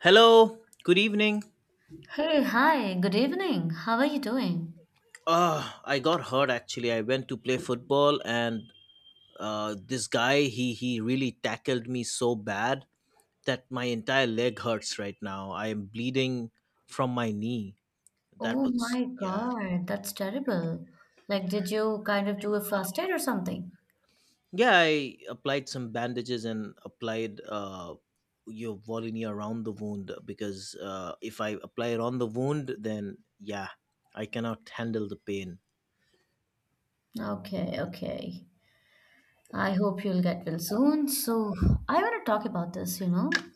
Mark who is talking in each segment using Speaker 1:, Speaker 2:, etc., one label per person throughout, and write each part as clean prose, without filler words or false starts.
Speaker 1: Hello, good evening.
Speaker 2: Hey, hi, good evening. How are you doing?
Speaker 1: I got hurt actually. I went to play football and this guy he really tackled me so bad that my entire leg hurts right now. I am bleeding from my knee. That
Speaker 2: Oh
Speaker 1: was
Speaker 2: my
Speaker 1: yeah.
Speaker 2: God, that's terrible. Like, did you kind of do a fast aid or something?
Speaker 1: Yeah, I applied some bandages and applied your Volini around the wound because if I apply it on the wound then yeah, I cannot handle the pain.
Speaker 2: Okay, okay. I hope you'll get well soon. So, I want to talk about this.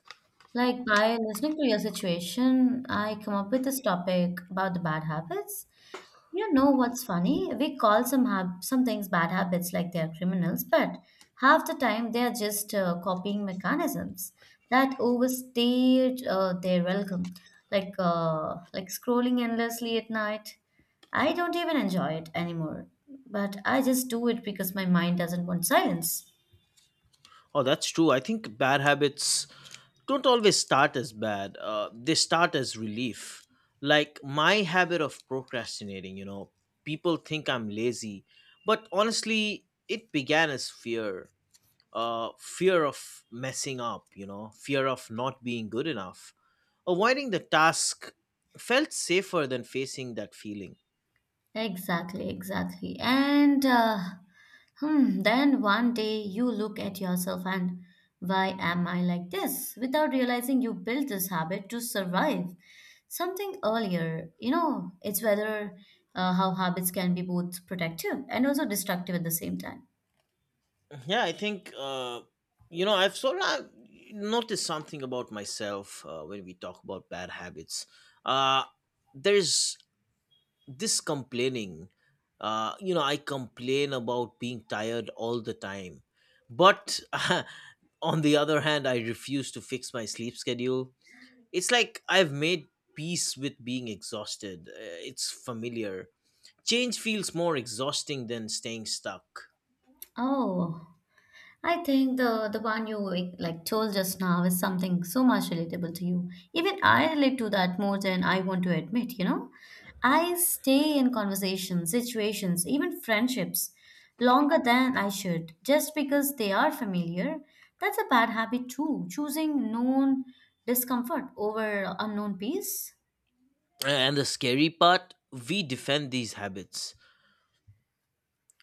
Speaker 2: Like by listening to your situation, I come up with this topic about the bad habits. You know what's funny? We call some things bad habits, like they're criminals, but half the time they are just copying mechanisms that overstayed their welcome, like scrolling endlessly at night. I don't even enjoy it anymore, but I just do it because my mind doesn't want silence.
Speaker 1: Oh, that's true. I think bad habits don't always start as bad. They start as relief. Like my habit of procrastinating, you know, people think I'm lazy, but honestly, it began as fear. Fear of messing up, you know, fear of not being good enough. Avoiding the task felt safer than facing that feeling.
Speaker 2: Exactly, exactly. Then one day you look at yourself and why am I like this? Without realizing you built this habit to survive something earlier. You know, it's whether how habits can be both protective and also destructive at the same time.
Speaker 1: Yeah, I think you know I've sort of noticed something about myself when we talk about bad habits. Uh, there's this complaining. You know, I complain about being tired all the time, but on the other hand, I refuse to fix my sleep schedule. It's like I've made peace with being exhausted. It's familiar. Change feels more exhausting than staying stuck.
Speaker 2: Oh, I think the one you like told just now is something so much relatable to you. Even I relate to that more than I want to admit. I stay in conversations, situations, even friendships longer than I should just because they are familiar. That's a bad habit too, choosing known discomfort over unknown peace.
Speaker 1: And the scary part, we defend these habits.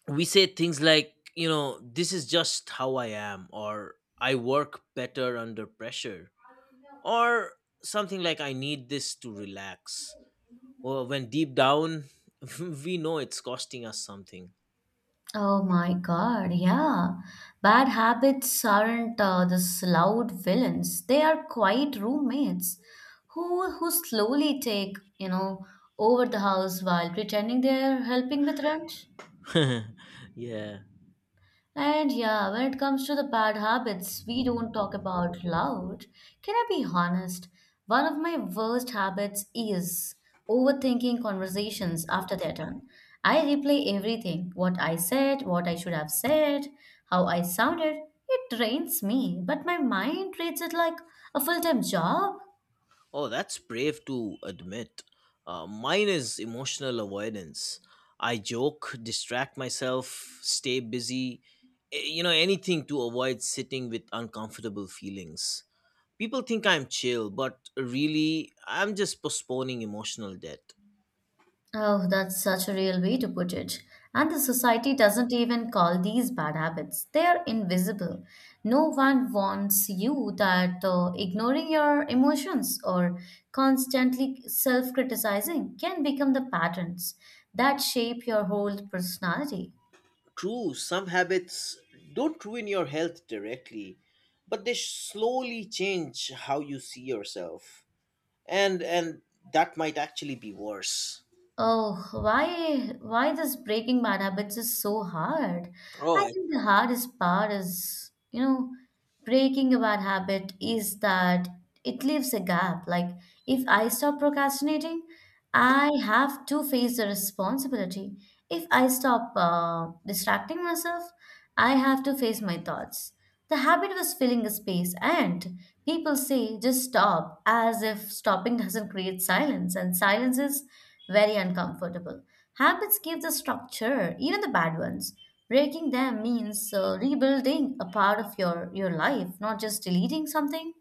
Speaker 1: We say things like, you know, this is just how I am, or I work better under pressure, or something like, I need this to relax. Or when deep down, we know it's costing us something.
Speaker 2: Oh my God, yeah. Bad habits aren't these loud villains. They are quiet roommates who slowly take over the house while pretending they're helping with rent.
Speaker 1: yeah.
Speaker 2: And yeah, when it comes to the bad habits we don't talk about loud, can I be honest? One of my worst habits is overthinking conversations after they're done. I replay everything what I said, what I should have said, how I sounded. It drains me, but my mind treats it like a full time job.
Speaker 1: Oh, that's brave to admit. Mine is emotional avoidance. I joke, distract myself, stay busy, you know, anything to avoid sitting with uncomfortable feelings. People think I'm chill, but really, I'm just postponing emotional debt.
Speaker 2: Oh, that's such a real way to put it. And the society doesn't even call these bad habits. They are invisible. No one wants you that ignoring your emotions or constantly self criticizing can become the patterns that shape your whole personality.
Speaker 1: True, some habits don't ruin your health directly, but they slowly change how you see yourself. And that might actually be worse.
Speaker 2: Oh, why this breaking bad habits is so hard? I
Speaker 1: Oh,
Speaker 2: think the hardest part is, you know, breaking a bad habit is that it leaves a gap. Like if I stop procrastinating, I have to face the responsibility. If I stop distracting myself, I have to face my thoughts. The habit was filling a space, and people say just stop as if stopping doesn't create silence, and silence is very uncomfortable. Habits give the structure, even the bad ones. Breaking them means rebuilding a part of your life, not just deleting something.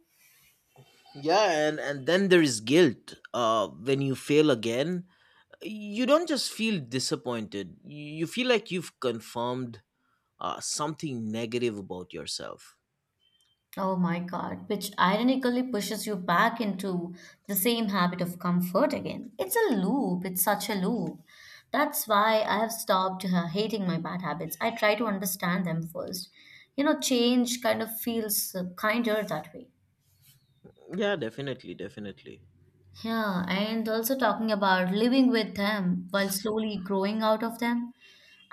Speaker 1: yeah, and then there is guilt. When you fail again, you don't just feel disappointed. You feel like you've confirmed something negative about yourself.
Speaker 2: Oh my God, which ironically pushes you back into the same habit of comfort again. It's a loop, it's such a loop. That's why I have stopped hating my bad habits. I try to understand them first. You know, change kind of feels kinder that way.
Speaker 1: Yeah, definitely, definitely.
Speaker 2: Yeah, and also talking about living with them while slowly growing out of them.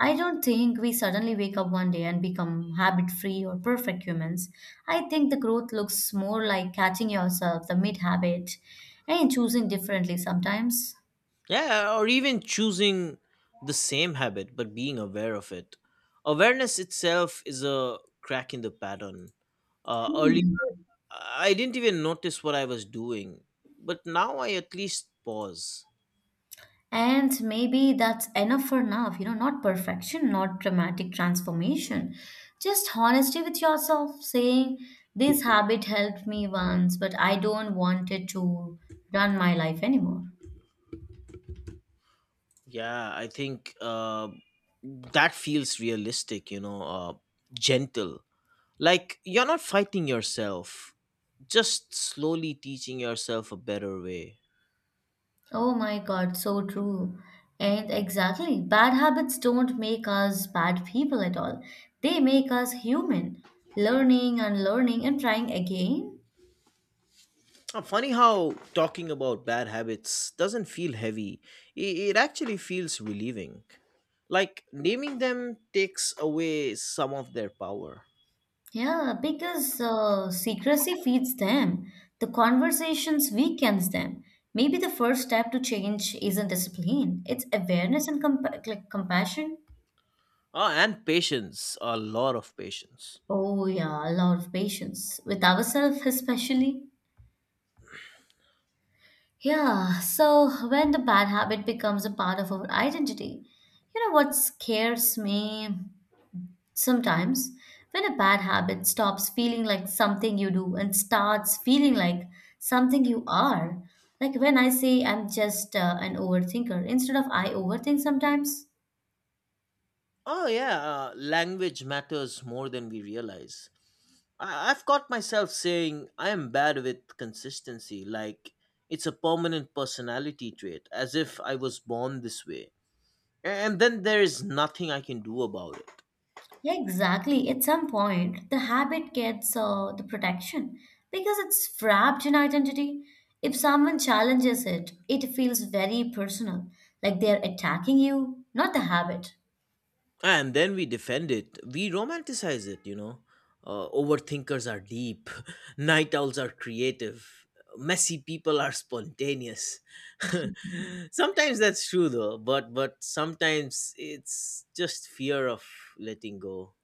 Speaker 2: I don't think we suddenly wake up one day and become habit free or perfect humans. I think the growth looks more like catching yourself the mid habit and choosing differently sometimes.
Speaker 1: Yeah, or even choosing the same habit but being aware of it. Awareness itself is a crack in the pattern. Early,
Speaker 2: Hmm.
Speaker 1: I didn't even notice what I was doing, but now I at least pause.
Speaker 2: And maybe that's enough for now, you know, not perfection, not dramatic transformation, just honesty with yourself, saying, this habit helped me once, but I don't want it to run my life anymore.
Speaker 1: Yeah, I think that feels realistic, you know, gentle. Like you're not fighting yourself, just slowly teaching yourself a better way.
Speaker 2: Oh my God, so true. And exactly, bad habits don't make us bad people at all. They make us human, learning and learning and trying again.
Speaker 1: Funny how talking about bad habits doesn't feel heavy, it, it actually feels relieving. Like naming them takes away some of their power.
Speaker 2: Yeah, because secrecy feeds them. The conversations weakens them. Maybe the first step to change isn't discipline, it's awareness and compa like compassion.
Speaker 1: Ah, and patience, a lot of patience.
Speaker 2: Oh, yeah, a lot of patience with ourselves, especially. Yeah, so when the bad habit becomes a part of our identity, you know what scares me? Sometimes, when a bad habit stops feeling like something you do and starts feeling like something you are, like when I say I'm just an overthinker instead of I overthink sometimes.
Speaker 1: Oh, yeah, language matters more than we realize. I've caught myself saying I am bad with consistency, like it's a permanent personality trait, as if I was born this way. And then there is nothing I can do about it.
Speaker 2: Yeah, exactly. At some point, the habit gets the protection because it's wrapped in identity. If someone challenges it, it feels very personal, like they're attacking you, not the habit.
Speaker 1: And then we defend it, we romanticize it, you know, overthinkers are deep, night owls are creative, messy people are spontaneous. Sometimes that's true though, but sometimes it's just fear of letting go.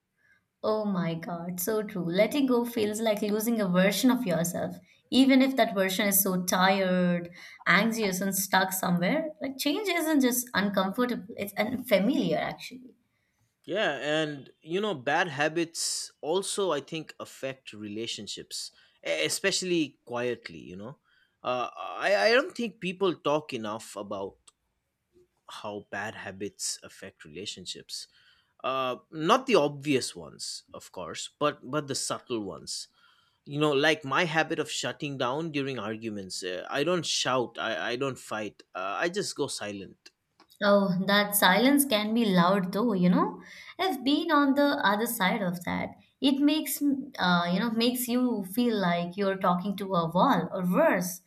Speaker 2: Oh my God, so true. Letting go feels like losing a version of yourself, even if that version is so tired, anxious, and stuck somewhere. Like, change isn't just uncomfortable, it's unfamiliar, actually.
Speaker 1: Yeah, and you know bad habits also I think affect relationships, especially quietly, you know. I don't think people talk enough about how bad habits affect relationships, not the obvious ones of course, but the subtle ones, you know, like my habit of shutting down during arguments. I don't shout, I don't fight, I just go silent.
Speaker 2: Oh, that silence can be loud though. I've been on the other side of that. It makes, you know, makes you feel like you're talking to a wall or worse,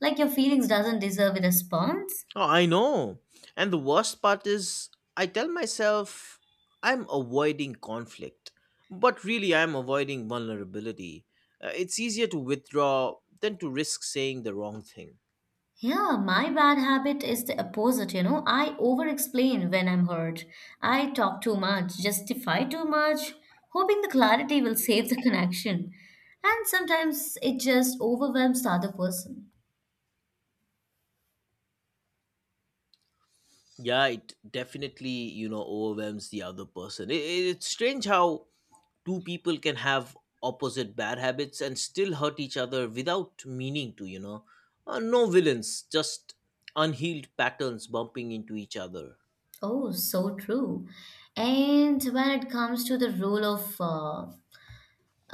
Speaker 2: like your feelings doesn't deserve a response.
Speaker 1: Oh, I know. And the worst part is, I tell myself I'm avoiding conflict, but really I'm avoiding vulnerability. It's easier to withdraw than to risk saying the wrong thing.
Speaker 2: Yeah, my bad habit is the opposite, you know. I over explain when I'm hurt. I talk too much, justify too much, hoping the clarity will save the connection. And sometimes it just overwhelms the other person.
Speaker 1: Yeah, it definitely, you know, overwhelms the other person. It's strange how two people can have opposite bad habits and still hurt each other without meaning to, you know. No villains, just unhealed patterns bumping into each other.
Speaker 2: Oh, so true. And when it comes to the role of, uh,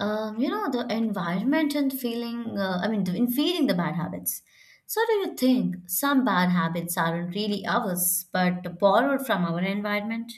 Speaker 2: um, you know, the environment and feeling, I mean, in feeding the bad habits. So, do you think some bad habits aren't really ours, but borrowed from our environment?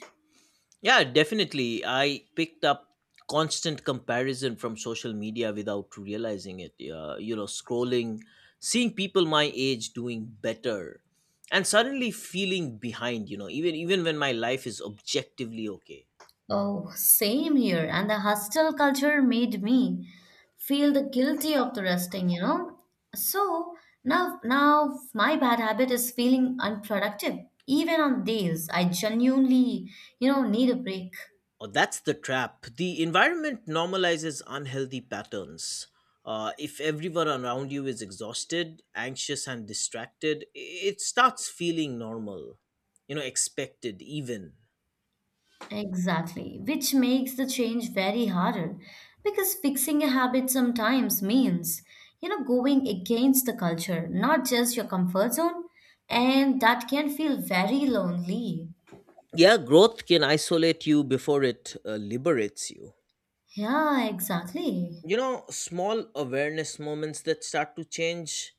Speaker 1: Yeah, definitely. I picked up constant comparison from social media without realizing it. You know, scrolling, seeing people my age doing better, and suddenly feeling behind. You know, even even when my life is objectively okay.
Speaker 2: Oh, same here. And the hostel culture made me feel the guilty of the resting, you know? So now my bad habit is feeling unproductive, even on days I genuinely, you know, need a break.
Speaker 1: Oh, that's the trap. The environment normalizes unhealthy patterns. If everyone around you is exhausted, anxious, and distracted, it starts feeling normal. You know, expected even.
Speaker 2: Exactly, which makes the change very harder because fixing a habit sometimes means, you know, going against the culture, not just your comfort zone, and that can feel very lonely.
Speaker 1: Yeah, growth can isolate you before it liberates you.
Speaker 2: Yeah, exactly.
Speaker 1: You know, small awareness moments that start to change.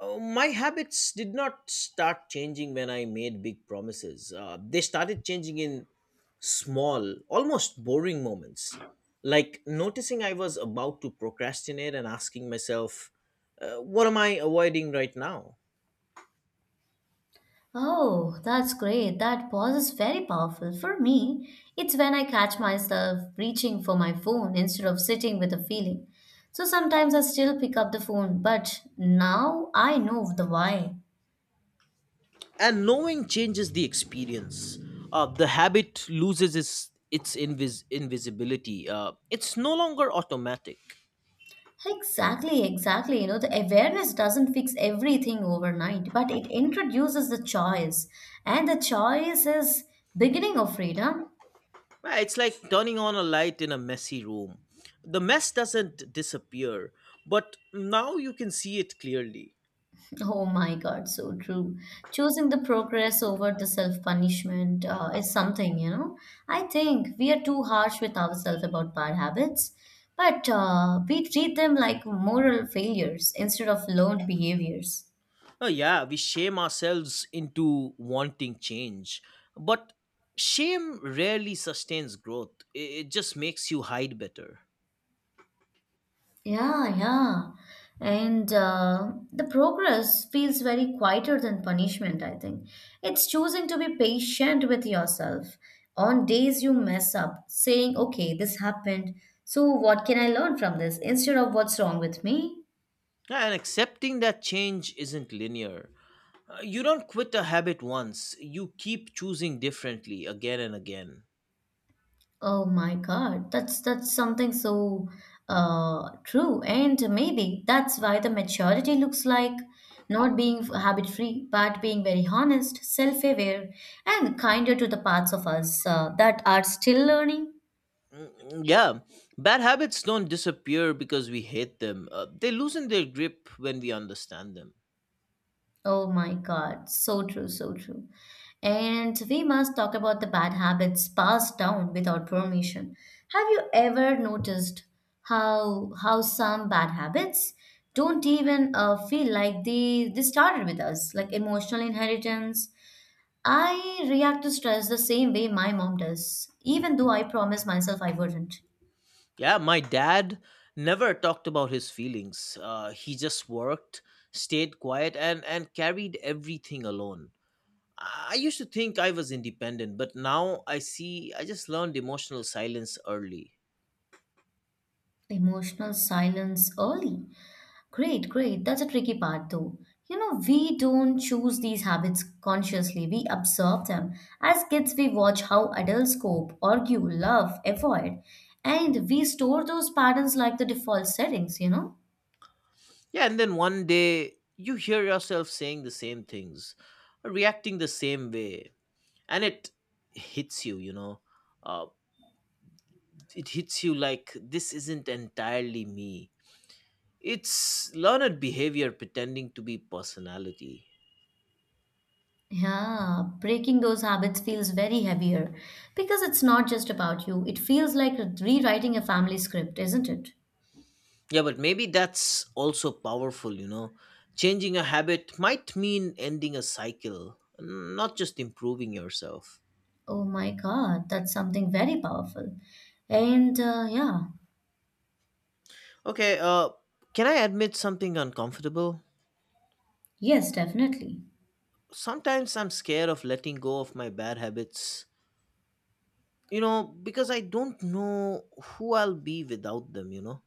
Speaker 1: My habits did not start changing when I made big promises. They started changing in small, almost boring moments. Like noticing I was about to procrastinate and asking myself, what am I avoiding right now?
Speaker 2: Oh, that's great. That pause is very powerful. For me, it's when I catch myself reaching for my phone instead of sitting with a feeling. So sometimes I still pick up the phone, but now I know the why.
Speaker 1: And knowing changes the experience. The habit loses its invisibility. It's no longer automatic.
Speaker 2: Exactly, exactly. You know, the awareness doesn't fix everything overnight, but it introduces the choice. And the choice is beginning of freedom.
Speaker 1: Right, it's like turning on a light in a messy room. The mess doesn't disappear, but now you can see it clearly.
Speaker 2: Oh my God, so true. Choosing the progress over the self-punishment is something, you know. I think we are too harsh with ourselves about bad habits, but we treat them like moral failures instead of learned behaviors.
Speaker 1: Oh yeah, we shame ourselves into wanting change, but shame rarely sustains growth. It just makes you hide better.
Speaker 2: Yeah, yeah. And the progress feels very quieter than punishment, I think. It's choosing to be patient with yourself. On days you mess up, saying, okay, this happened, so what can I learn from this instead of what's wrong with me?
Speaker 1: Yeah, and accepting that change isn't linear. You don't quit a habit once, you keep choosing differently again and again.
Speaker 2: Oh my God, that's something so true, and maybe that's why the maturity looks like not being habit free, but being very honest, self aware, and kinder to the parts of us that are still learning.
Speaker 1: Mm, yeah, bad habits don't disappear because we hate them, they loosen their grip when we understand them.
Speaker 2: Oh my God, so true, so true. And we must talk about the bad habits passed down without permission. Have you ever noticed how some bad habits don't even feel like they started with us, like emotional inheritance? I react to stress the same way my mom does, even though I promised myself I wouldn't.
Speaker 1: Yeah, my dad never talked about his feelings. He just worked, stayed quiet, and carried everything alone. I used to think I was independent, but now I see I just learned emotional silence early.
Speaker 2: Emotional silence early. Great, great. That's a tricky part, though. You know, we don't choose these habits consciously, we observe them. As kids, we watch how adults cope, argue, love, avoid, and we store those patterns like the default settings, you know?
Speaker 1: Yeah, and then one day you hear yourself saying the same things, reacting the same way, and it hits you, you know. Uh, it hits you like this isn't entirely me. It's learned behavior pretending to be personality.
Speaker 2: Yeah, breaking those habits feels very heavier because it's not just about you. It feels like rewriting a family script, isn't it?
Speaker 1: Yeah, but maybe that's also powerful, you know. Changing a habit might mean ending a cycle, not just improving yourself.
Speaker 2: Oh my God, that's something very powerful. And uh, yeah,
Speaker 1: Okay, can I admit something uncomfortable?
Speaker 2: yes, definitely.
Speaker 1: Sometimes I'm scared of letting go of my bad habits, you know, because I don't know who I'll be without them, you know.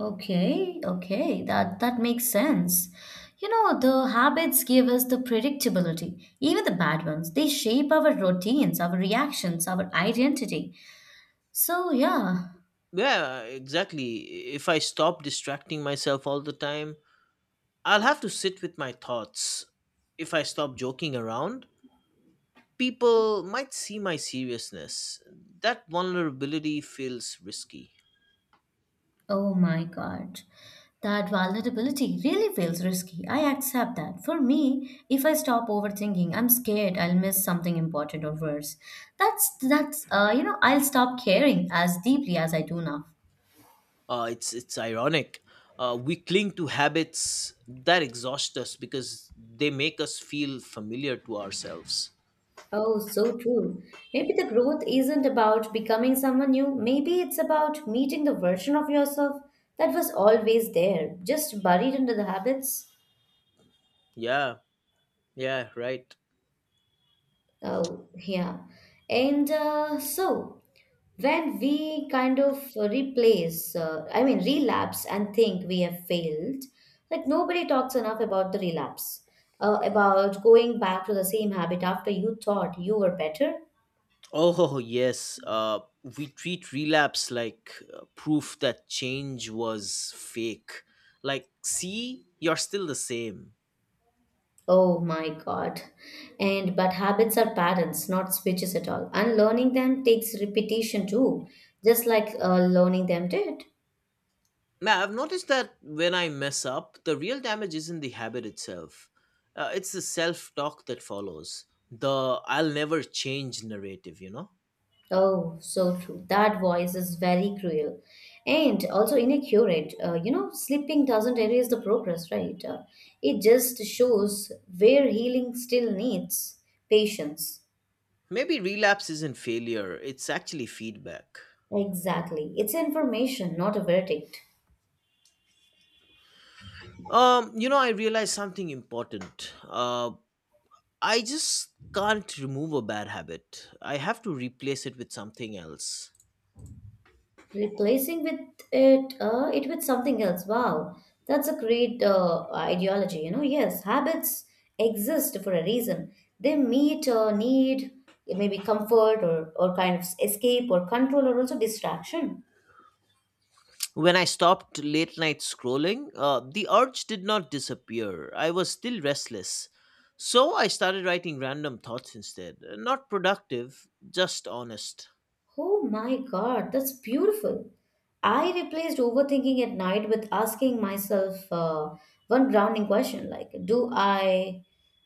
Speaker 2: Okay, okay, that makes sense. You know, the habits give us the predictability, even the bad ones. They shape our routines, our reactions, our identity. So, yeah.
Speaker 1: Yeah, exactly. If I stop distracting myself all the time, I'll have to sit with my thoughts. If I stop joking around, people might see my seriousness. That vulnerability feels risky.
Speaker 2: Oh my God. That vulnerability really feels risky. I accept that. For me, if I stop overthinking, I'm scared I'll miss something important or worse. That's You know, I'll stop caring as deeply as I do now.
Speaker 1: It's ironic. We cling to habits that exhaust us because they make us feel familiar to ourselves.
Speaker 2: Oh, so true. Maybe the growth isn't about becoming someone new. Maybe it's about meeting the version of yourself that was always there, just buried under the habits.
Speaker 1: Yeah, yeah, right.
Speaker 2: Oh, yeah. And so, when we kind of I mean, relapse and think we have failed, like nobody talks enough about the relapse, about going back to the same habit after you thought you were better.
Speaker 1: Oh, yes. We treat relapse like proof that change was fake. Like, see, you're still the same.
Speaker 2: Oh my God. And but habits are patterns, not switches at all. Unlearning them takes repetition too, just like learning them did.
Speaker 1: Now, I've noticed that when I mess up, the real damage isn't the habit itself, it's the self talk that follows. The I'll never change narrative, you know?
Speaker 2: Oh, so true. That voice is very cruel and also inaccurate. You know, sleeping doesn't erase the progress, right? It just shows where healing still needs patience.
Speaker 1: Maybe relapse isn't failure, it's actually feedback.
Speaker 2: Exactly. It's information, not a verdict.
Speaker 1: You know, I realized something important. I just can't remove a bad habit. I have to replace it with something else.
Speaker 2: Replacing with it, it with something else. Wow, that's a great ideology. You know, yes, habits exist for a reason. They meet a need, maybe comfort or kind of escape or control or also distraction.
Speaker 1: When I stopped late night scrolling, the urge did not disappear. I was still restless. So I started writing random thoughts instead. Not productive, just honest.
Speaker 2: Oh my God, that's beautiful. I replaced overthinking at night with asking myself one grounding question like, do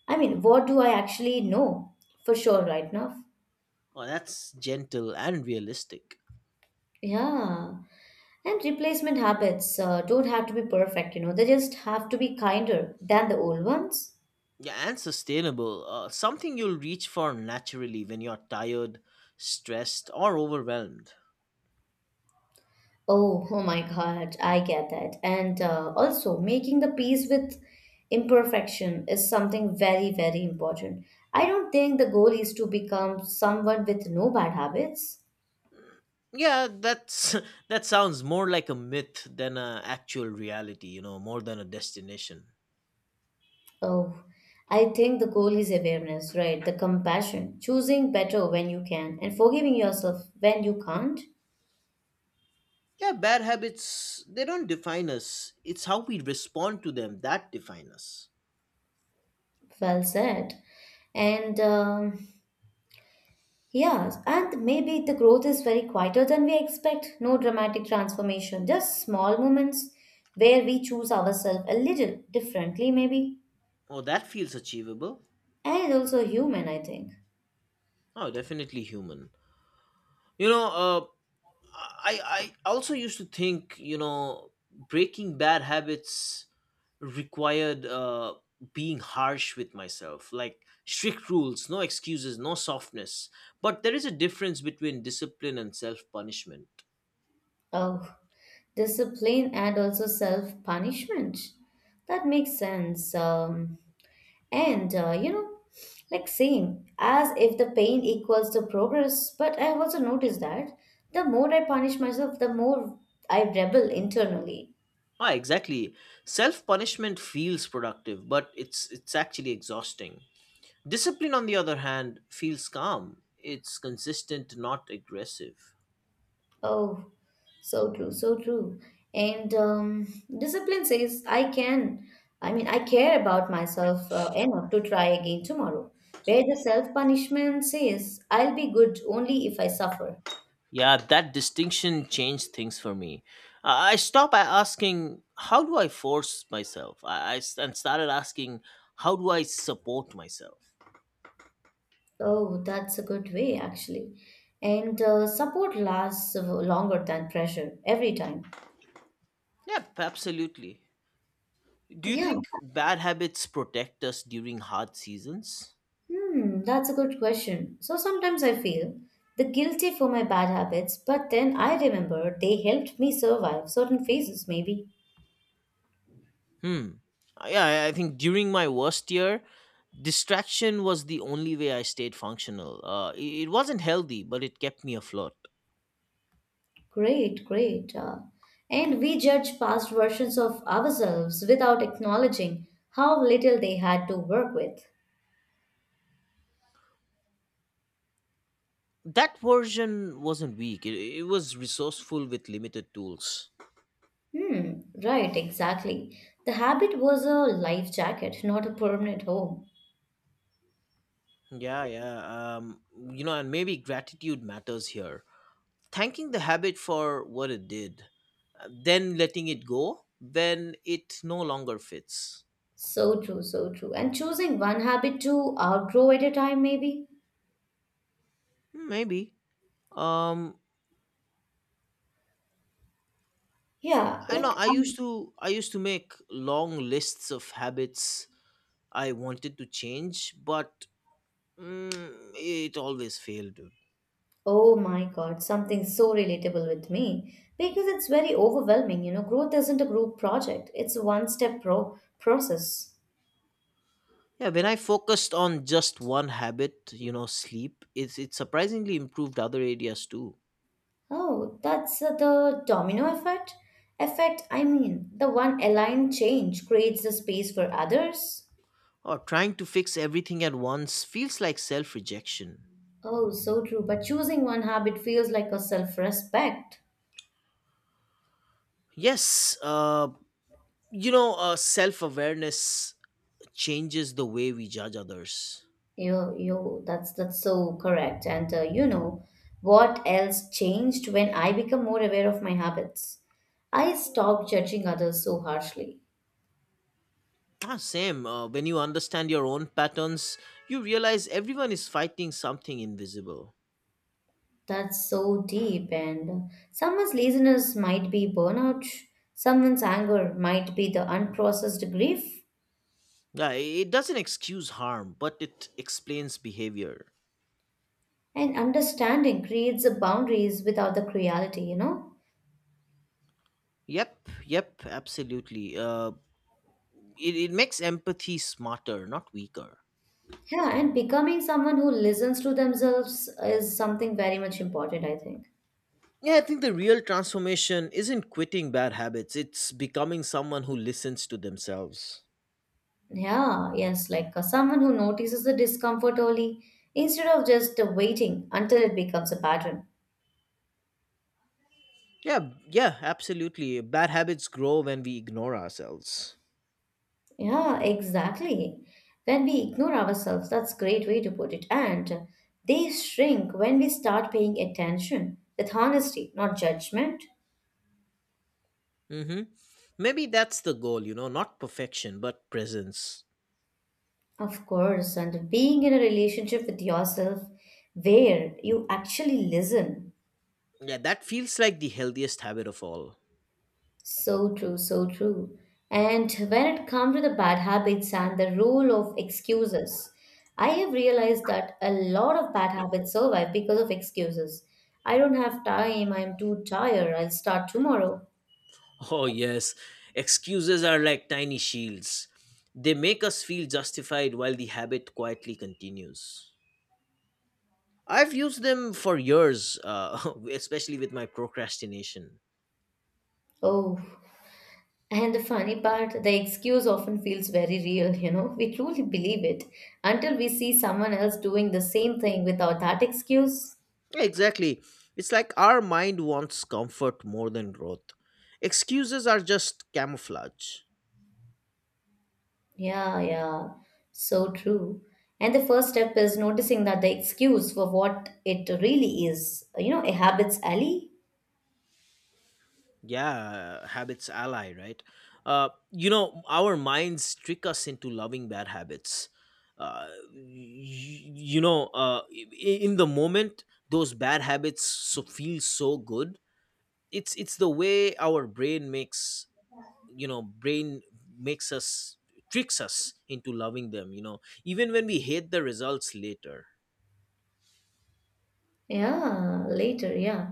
Speaker 2: I mean, what do I actually know for sure right now?
Speaker 1: Oh, that's gentle and realistic.
Speaker 2: Yeah. And replacement habits don't have to be perfect, they just have to be kinder than the old ones.
Speaker 1: Yeah, and sustainable. Something you'll reach for naturally when you're tired, stressed, or overwhelmed.
Speaker 2: Oh, oh my God, I get that. And also, making the peace with imperfection is something very, very important. I don't think the goal is to become someone with no bad habits.
Speaker 1: Yeah, that's that sounds more like a myth than a actual reality, you know, more than a destination.
Speaker 2: Oh, I think the goal is awareness, right? The compassion, choosing better when you can, and forgiving yourself when you can't.
Speaker 1: Yeah, bad habits, they don't define us. It's how we respond to them that define us.
Speaker 2: Well said. And Yeah, and maybe the growth is very quieter than we expect. No dramatic transformation, just small moments where we choose ourselves a little differently, maybe.
Speaker 1: Oh, that feels achievable.
Speaker 2: And also human, I think.
Speaker 1: Oh, definitely human. You know, I also used to think you know breaking bad habits required being harsh with myself, like strict rules, no excuses, no softness. But there is a difference between discipline and self punishment.
Speaker 2: Oh, discipline and also self punishment. That makes sense. And, like same as if the pain equals the progress. But I've also noticed that the more I punish myself, the more I rebel internally.
Speaker 1: Ah, exactly. Self punishment feels productive, but it's actually exhausting. Discipline, on the other hand, feels calm. It's consistent, not aggressive.
Speaker 2: Oh, so true, so true. And discipline says, I can, I mean, I care about myself enough to try again tomorrow. Where the self punishment says, I'll be good only if I suffer.
Speaker 1: Yeah, that distinction changed things for me. I stopped by asking, how do I force myself? And started asking, how do I support myself?
Speaker 2: Oh, that's a good way, actually. And support lasts longer than pressure every time.
Speaker 1: Yeah, absolutely. Do you
Speaker 2: Yeah.
Speaker 1: think bad habits protect us during hard seasons?
Speaker 2: Hmm, that's a good question. So sometimes I feel the guilty for my bad habits, but then I remember they helped me survive certain phases, maybe.
Speaker 1: Hmm. Yeah, I think during my worst year, distraction was the only way I stayed functional. It wasn't healthy, but it kept me afloat.
Speaker 2: Great, great. And we judge past versions of ourselves without acknowledging how little they had to work with.
Speaker 1: That version wasn't weak, it was resourceful with limited tools.
Speaker 2: Hmm, right, exactly. The habit was a life jacket, not a permanent home.
Speaker 1: Yeah, yeah. Um, you know, and maybe gratitude matters here. Thanking the habit for what it did, then letting it go when it no longer fits.
Speaker 2: So true, so true. And choosing one habit to outgrow at a time, maybe.
Speaker 1: Maybe. Um,
Speaker 2: Yeah,
Speaker 1: I know.
Speaker 2: like I
Speaker 1: I used to make long lists of habits I wanted to change, but mm, it always failed. Dude.
Speaker 2: Oh my God, something so relatable with me because it's very overwhelming. You know, growth isn't a group project, it's a one step process.
Speaker 1: Yeah, when I focused on just one habit, you know, sleep, it surprisingly improved other areas too.
Speaker 2: Oh, that's the domino effect? Effect, I mean, the one aligned change creates the space for others.
Speaker 1: Or trying to fix everything at once feels like self rejection.
Speaker 2: Oh, so true, but choosing one habit feels like a self respect.
Speaker 1: Yes, you know, self awareness changes the way we judge others.
Speaker 2: That's so correct. And you know what else changed when I become more aware of my habits? I stopped judging others so harshly.
Speaker 1: Ah, same. When you understand your own patterns, you realize everyone is fighting something invisible.
Speaker 2: That's so deep. And someone's laziness might be burnout. Someone's anger might be the unprocessed grief.
Speaker 1: Yeah, it doesn't excuse harm, but it explains behavior.
Speaker 2: And understanding creates the boundaries without the cruelty. You know.
Speaker 1: Yep, yep, absolutely. It makes empathy smarter, not weaker.
Speaker 2: Yeah, and becoming someone who listens to themselves is something very much important, I think.
Speaker 1: Yeah, I think the real transformation isn't quitting bad habits, it's becoming someone who listens to themselves.
Speaker 2: Yeah, yes, like someone who notices the discomfort early instead of just waiting until it becomes a pattern.
Speaker 1: Yeah, yeah, absolutely. Bad habits grow when we ignore ourselves.
Speaker 2: Yeah, exactly. When we ignore ourselves, that's a great way to put it. And they shrink when we start paying attention with honesty, not judgment.
Speaker 1: Mhm. Maybe that's the goal, not perfection, but presence.
Speaker 2: Of course, and being in a relationship with yourself where you actually listen.
Speaker 1: Yeah, that feels like the healthiest habit of all.
Speaker 2: So true, so true. And when it comes to the bad habits and the role of excuses, I have realized that a lot of bad habits survive because of excuses. I don't have time, I'm too tired, I'll start tomorrow.
Speaker 1: Oh, yes. Excuses are like tiny shields. They make us feel justified while the habit quietly continues. I've used them for years, especially with my procrastination.
Speaker 2: Oh, and the funny part, the excuse often feels very real, you know, we truly believe it until we see someone else doing the same thing without that excuse.
Speaker 1: Yeah, exactly. It's like our mind wants comfort more than growth. Excuses are just camouflage.
Speaker 2: Yeah, yeah, so true. And the first step is noticing that the excuse for what it really is, you know, a habits alley.
Speaker 1: Yeah, habits ally, right? Our minds trick us into loving bad habits. Uh, in the moment, those bad habits so feel so good. It's the way our brain makes, brain makes us, tricks us into loving them, even when we hate the results later.
Speaker 2: Yeah, later, yeah.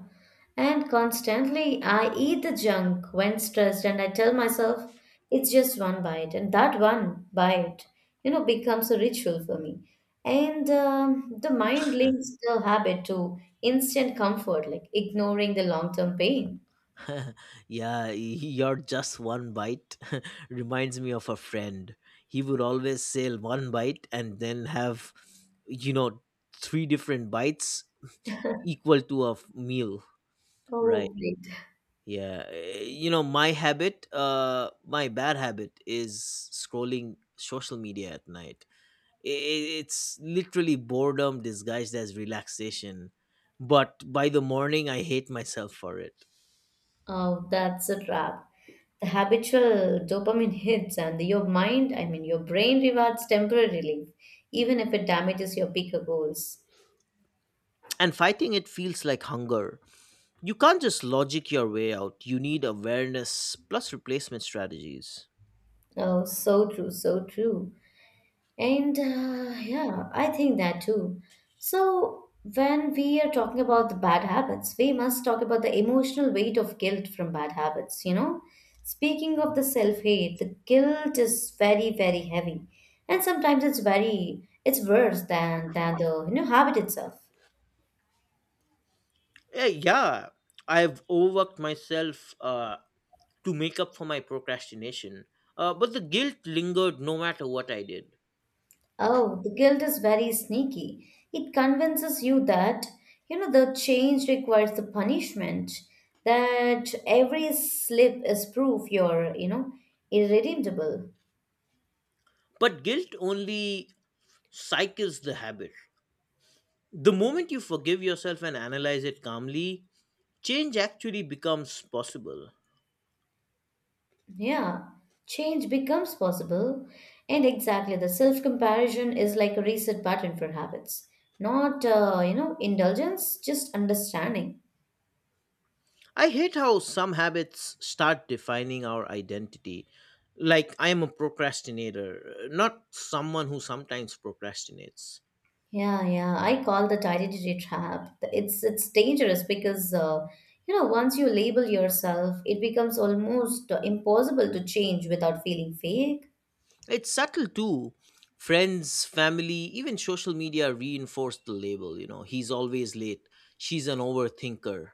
Speaker 2: And constantly, I eat the junk when stressed, and I tell myself it's just one bite, and that one bite, you know, becomes a ritual for me. And the mind links the habit to instant comfort, like ignoring the long term pain.
Speaker 1: Yeah, you're just one bite. Reminds me of a friend. He would always sell one bite and then have, you know three different bites equal to a meal, right?
Speaker 2: Oh, great.
Speaker 1: Yeah, you know, my habit, my bad habit is scrolling social media at night. It's literally boredom disguised as relaxation, but by the morning I hate myself for it.
Speaker 2: Oh, that's a trap. The habitual dopamine hits, and your mind, I mean, your brain rewards temporary relief, even if it damages your bigger goals.
Speaker 1: And fighting it feels like hunger. You can't just logic your way out. You need awareness plus replacement strategies.
Speaker 2: Oh, so true, so true. And yeah, I think that too. So, when we are talking about the bad habits, we must talk about the emotional weight of guilt from bad habits, you know? Speaking of the self-hate, the guilt is very, very heavy. And sometimes it's very, it's worse than the, you know, habit itself.
Speaker 1: Yeah, yeah. I've overworked myself, to make up for my procrastination, but the guilt lingered no matter what I did.
Speaker 2: Oh, the guilt is very sneaky. It convinces you that, you know, the change requires the punishment, that every slip is proof you're, you know, irredeemable.
Speaker 1: But guilt only cycles the habit. The moment you forgive yourself and analyze it calmly, change actually becomes possible.
Speaker 2: Yeah, change becomes possible. And exactly, the self comparison is like a reset button for habits. Not, you know, indulgence, just understanding.
Speaker 1: I hate how some habits start defining our identity. Like, I am a procrastinator, not someone who sometimes procrastinates.
Speaker 2: Yeah, yeah. I call that identity trap. It's dangerous because you know once you label yourself, it becomes almost impossible to change without feeling fake.
Speaker 1: It's subtle too. Friends, family, even social media reinforce the label. You know, he's always late, she's an overthinker.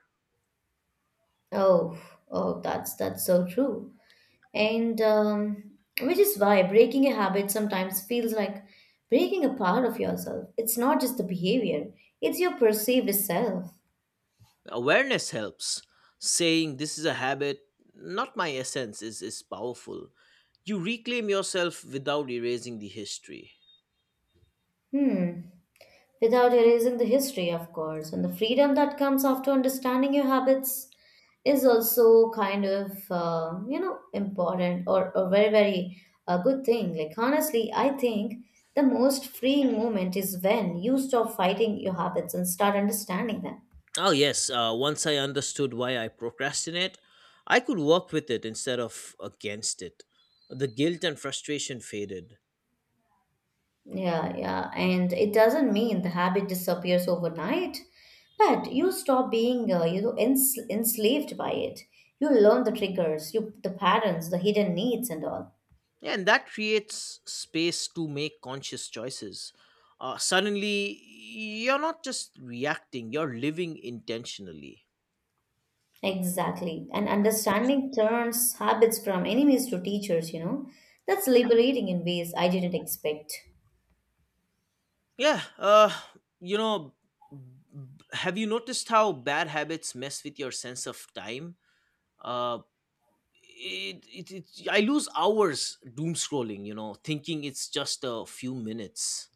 Speaker 2: Oh, oh, that's so true. And which is why breaking a habit sometimes feels like breaking a part of yourself. It's not just the behavior; it's your perceived self.
Speaker 1: Awareness helps. Saying this is a habit, not my essence, is powerful. You reclaim yourself without erasing the history.
Speaker 2: Hmm. Without erasing the history, of course, and the freedom that comes after understanding your habits is also kind of, you know, important or a very, very good thing. Like, honestly, I think the most freeing moment is when you stop fighting your habits and start understanding them.
Speaker 1: Oh yes, once I understood why I procrastinate, I could work with it instead of against it. The guilt and frustration faded.
Speaker 2: Yeah, yeah. And it doesn't mean the habit disappears overnight, but you stop being, you know, enslaved by it. You learn the triggers, you the patterns, the hidden needs, and all.
Speaker 1: Yeah, and that creates space to make conscious choices. Suddenly you're not just reacting, you're living intentionally.
Speaker 2: Exactly. And understanding turns habits from enemies to teachers, you know. That's liberating in ways I didn't expect.
Speaker 1: Yeah, you know, b- have you noticed how bad habits mess with your sense of time? Uh, I lose hours doom scrolling, thinking it's just a few minutes.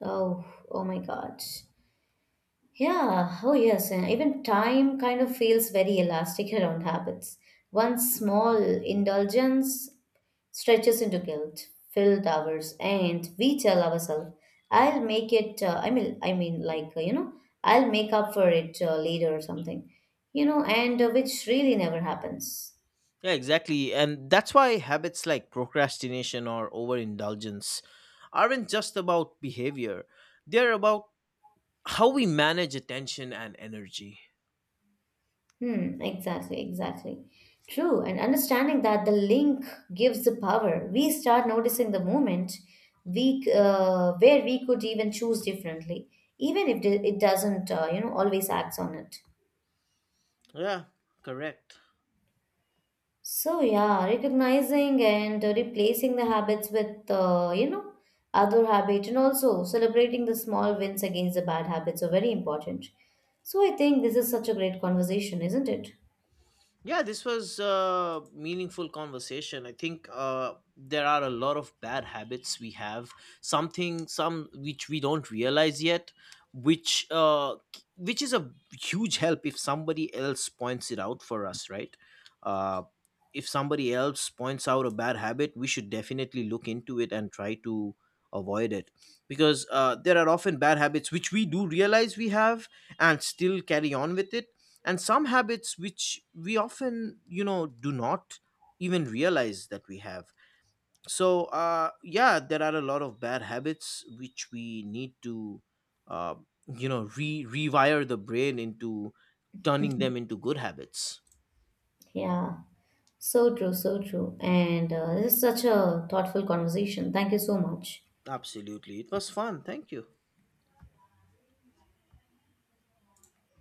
Speaker 2: Oh, oh my God. Yeah, oh yes, and even time kind of feels very elastic around habits. One small indulgence stretches into guilt filled hours and we tell ourselves I'll make it I mean like you know I'll make up for it later or something, you know, and which really never happens.
Speaker 1: Yeah, exactly. And that's why habits like procrastination or overindulgence aren't just about behavior, they're about how we manage attention and energy.
Speaker 2: Hmm, exactly, exactly true. And understanding that the link gives the power, we start noticing the moment we where we could even choose differently, even if it doesn't you know always acts on it.
Speaker 1: Yeah, correct.
Speaker 2: So yeah, recognizing and replacing the habits with you know other habit and also celebrating the small wins against the bad habits are very important. So I think this is such a great conversation, isn't it?
Speaker 1: Yeah, this was a meaningful conversation. I think there are a lot of bad habits we have, some which we don't realize yet, which uh, which is a huge help if somebody else points it out for us, right? Uh, if somebody else points out a bad habit, we should definitely look into it and try to avoid it, because there are often bad habits which we do realize we have and still carry on with it, and some habits which we often, do not even realize that we have. So yeah, there are a lot of bad habits which we need to uh re rewire the brain into, turning them into good habits.
Speaker 2: Yeah, so true, so true. And this is such a thoughtful conversation. Thank you so much.
Speaker 1: Absolutely, it was fun, thank you.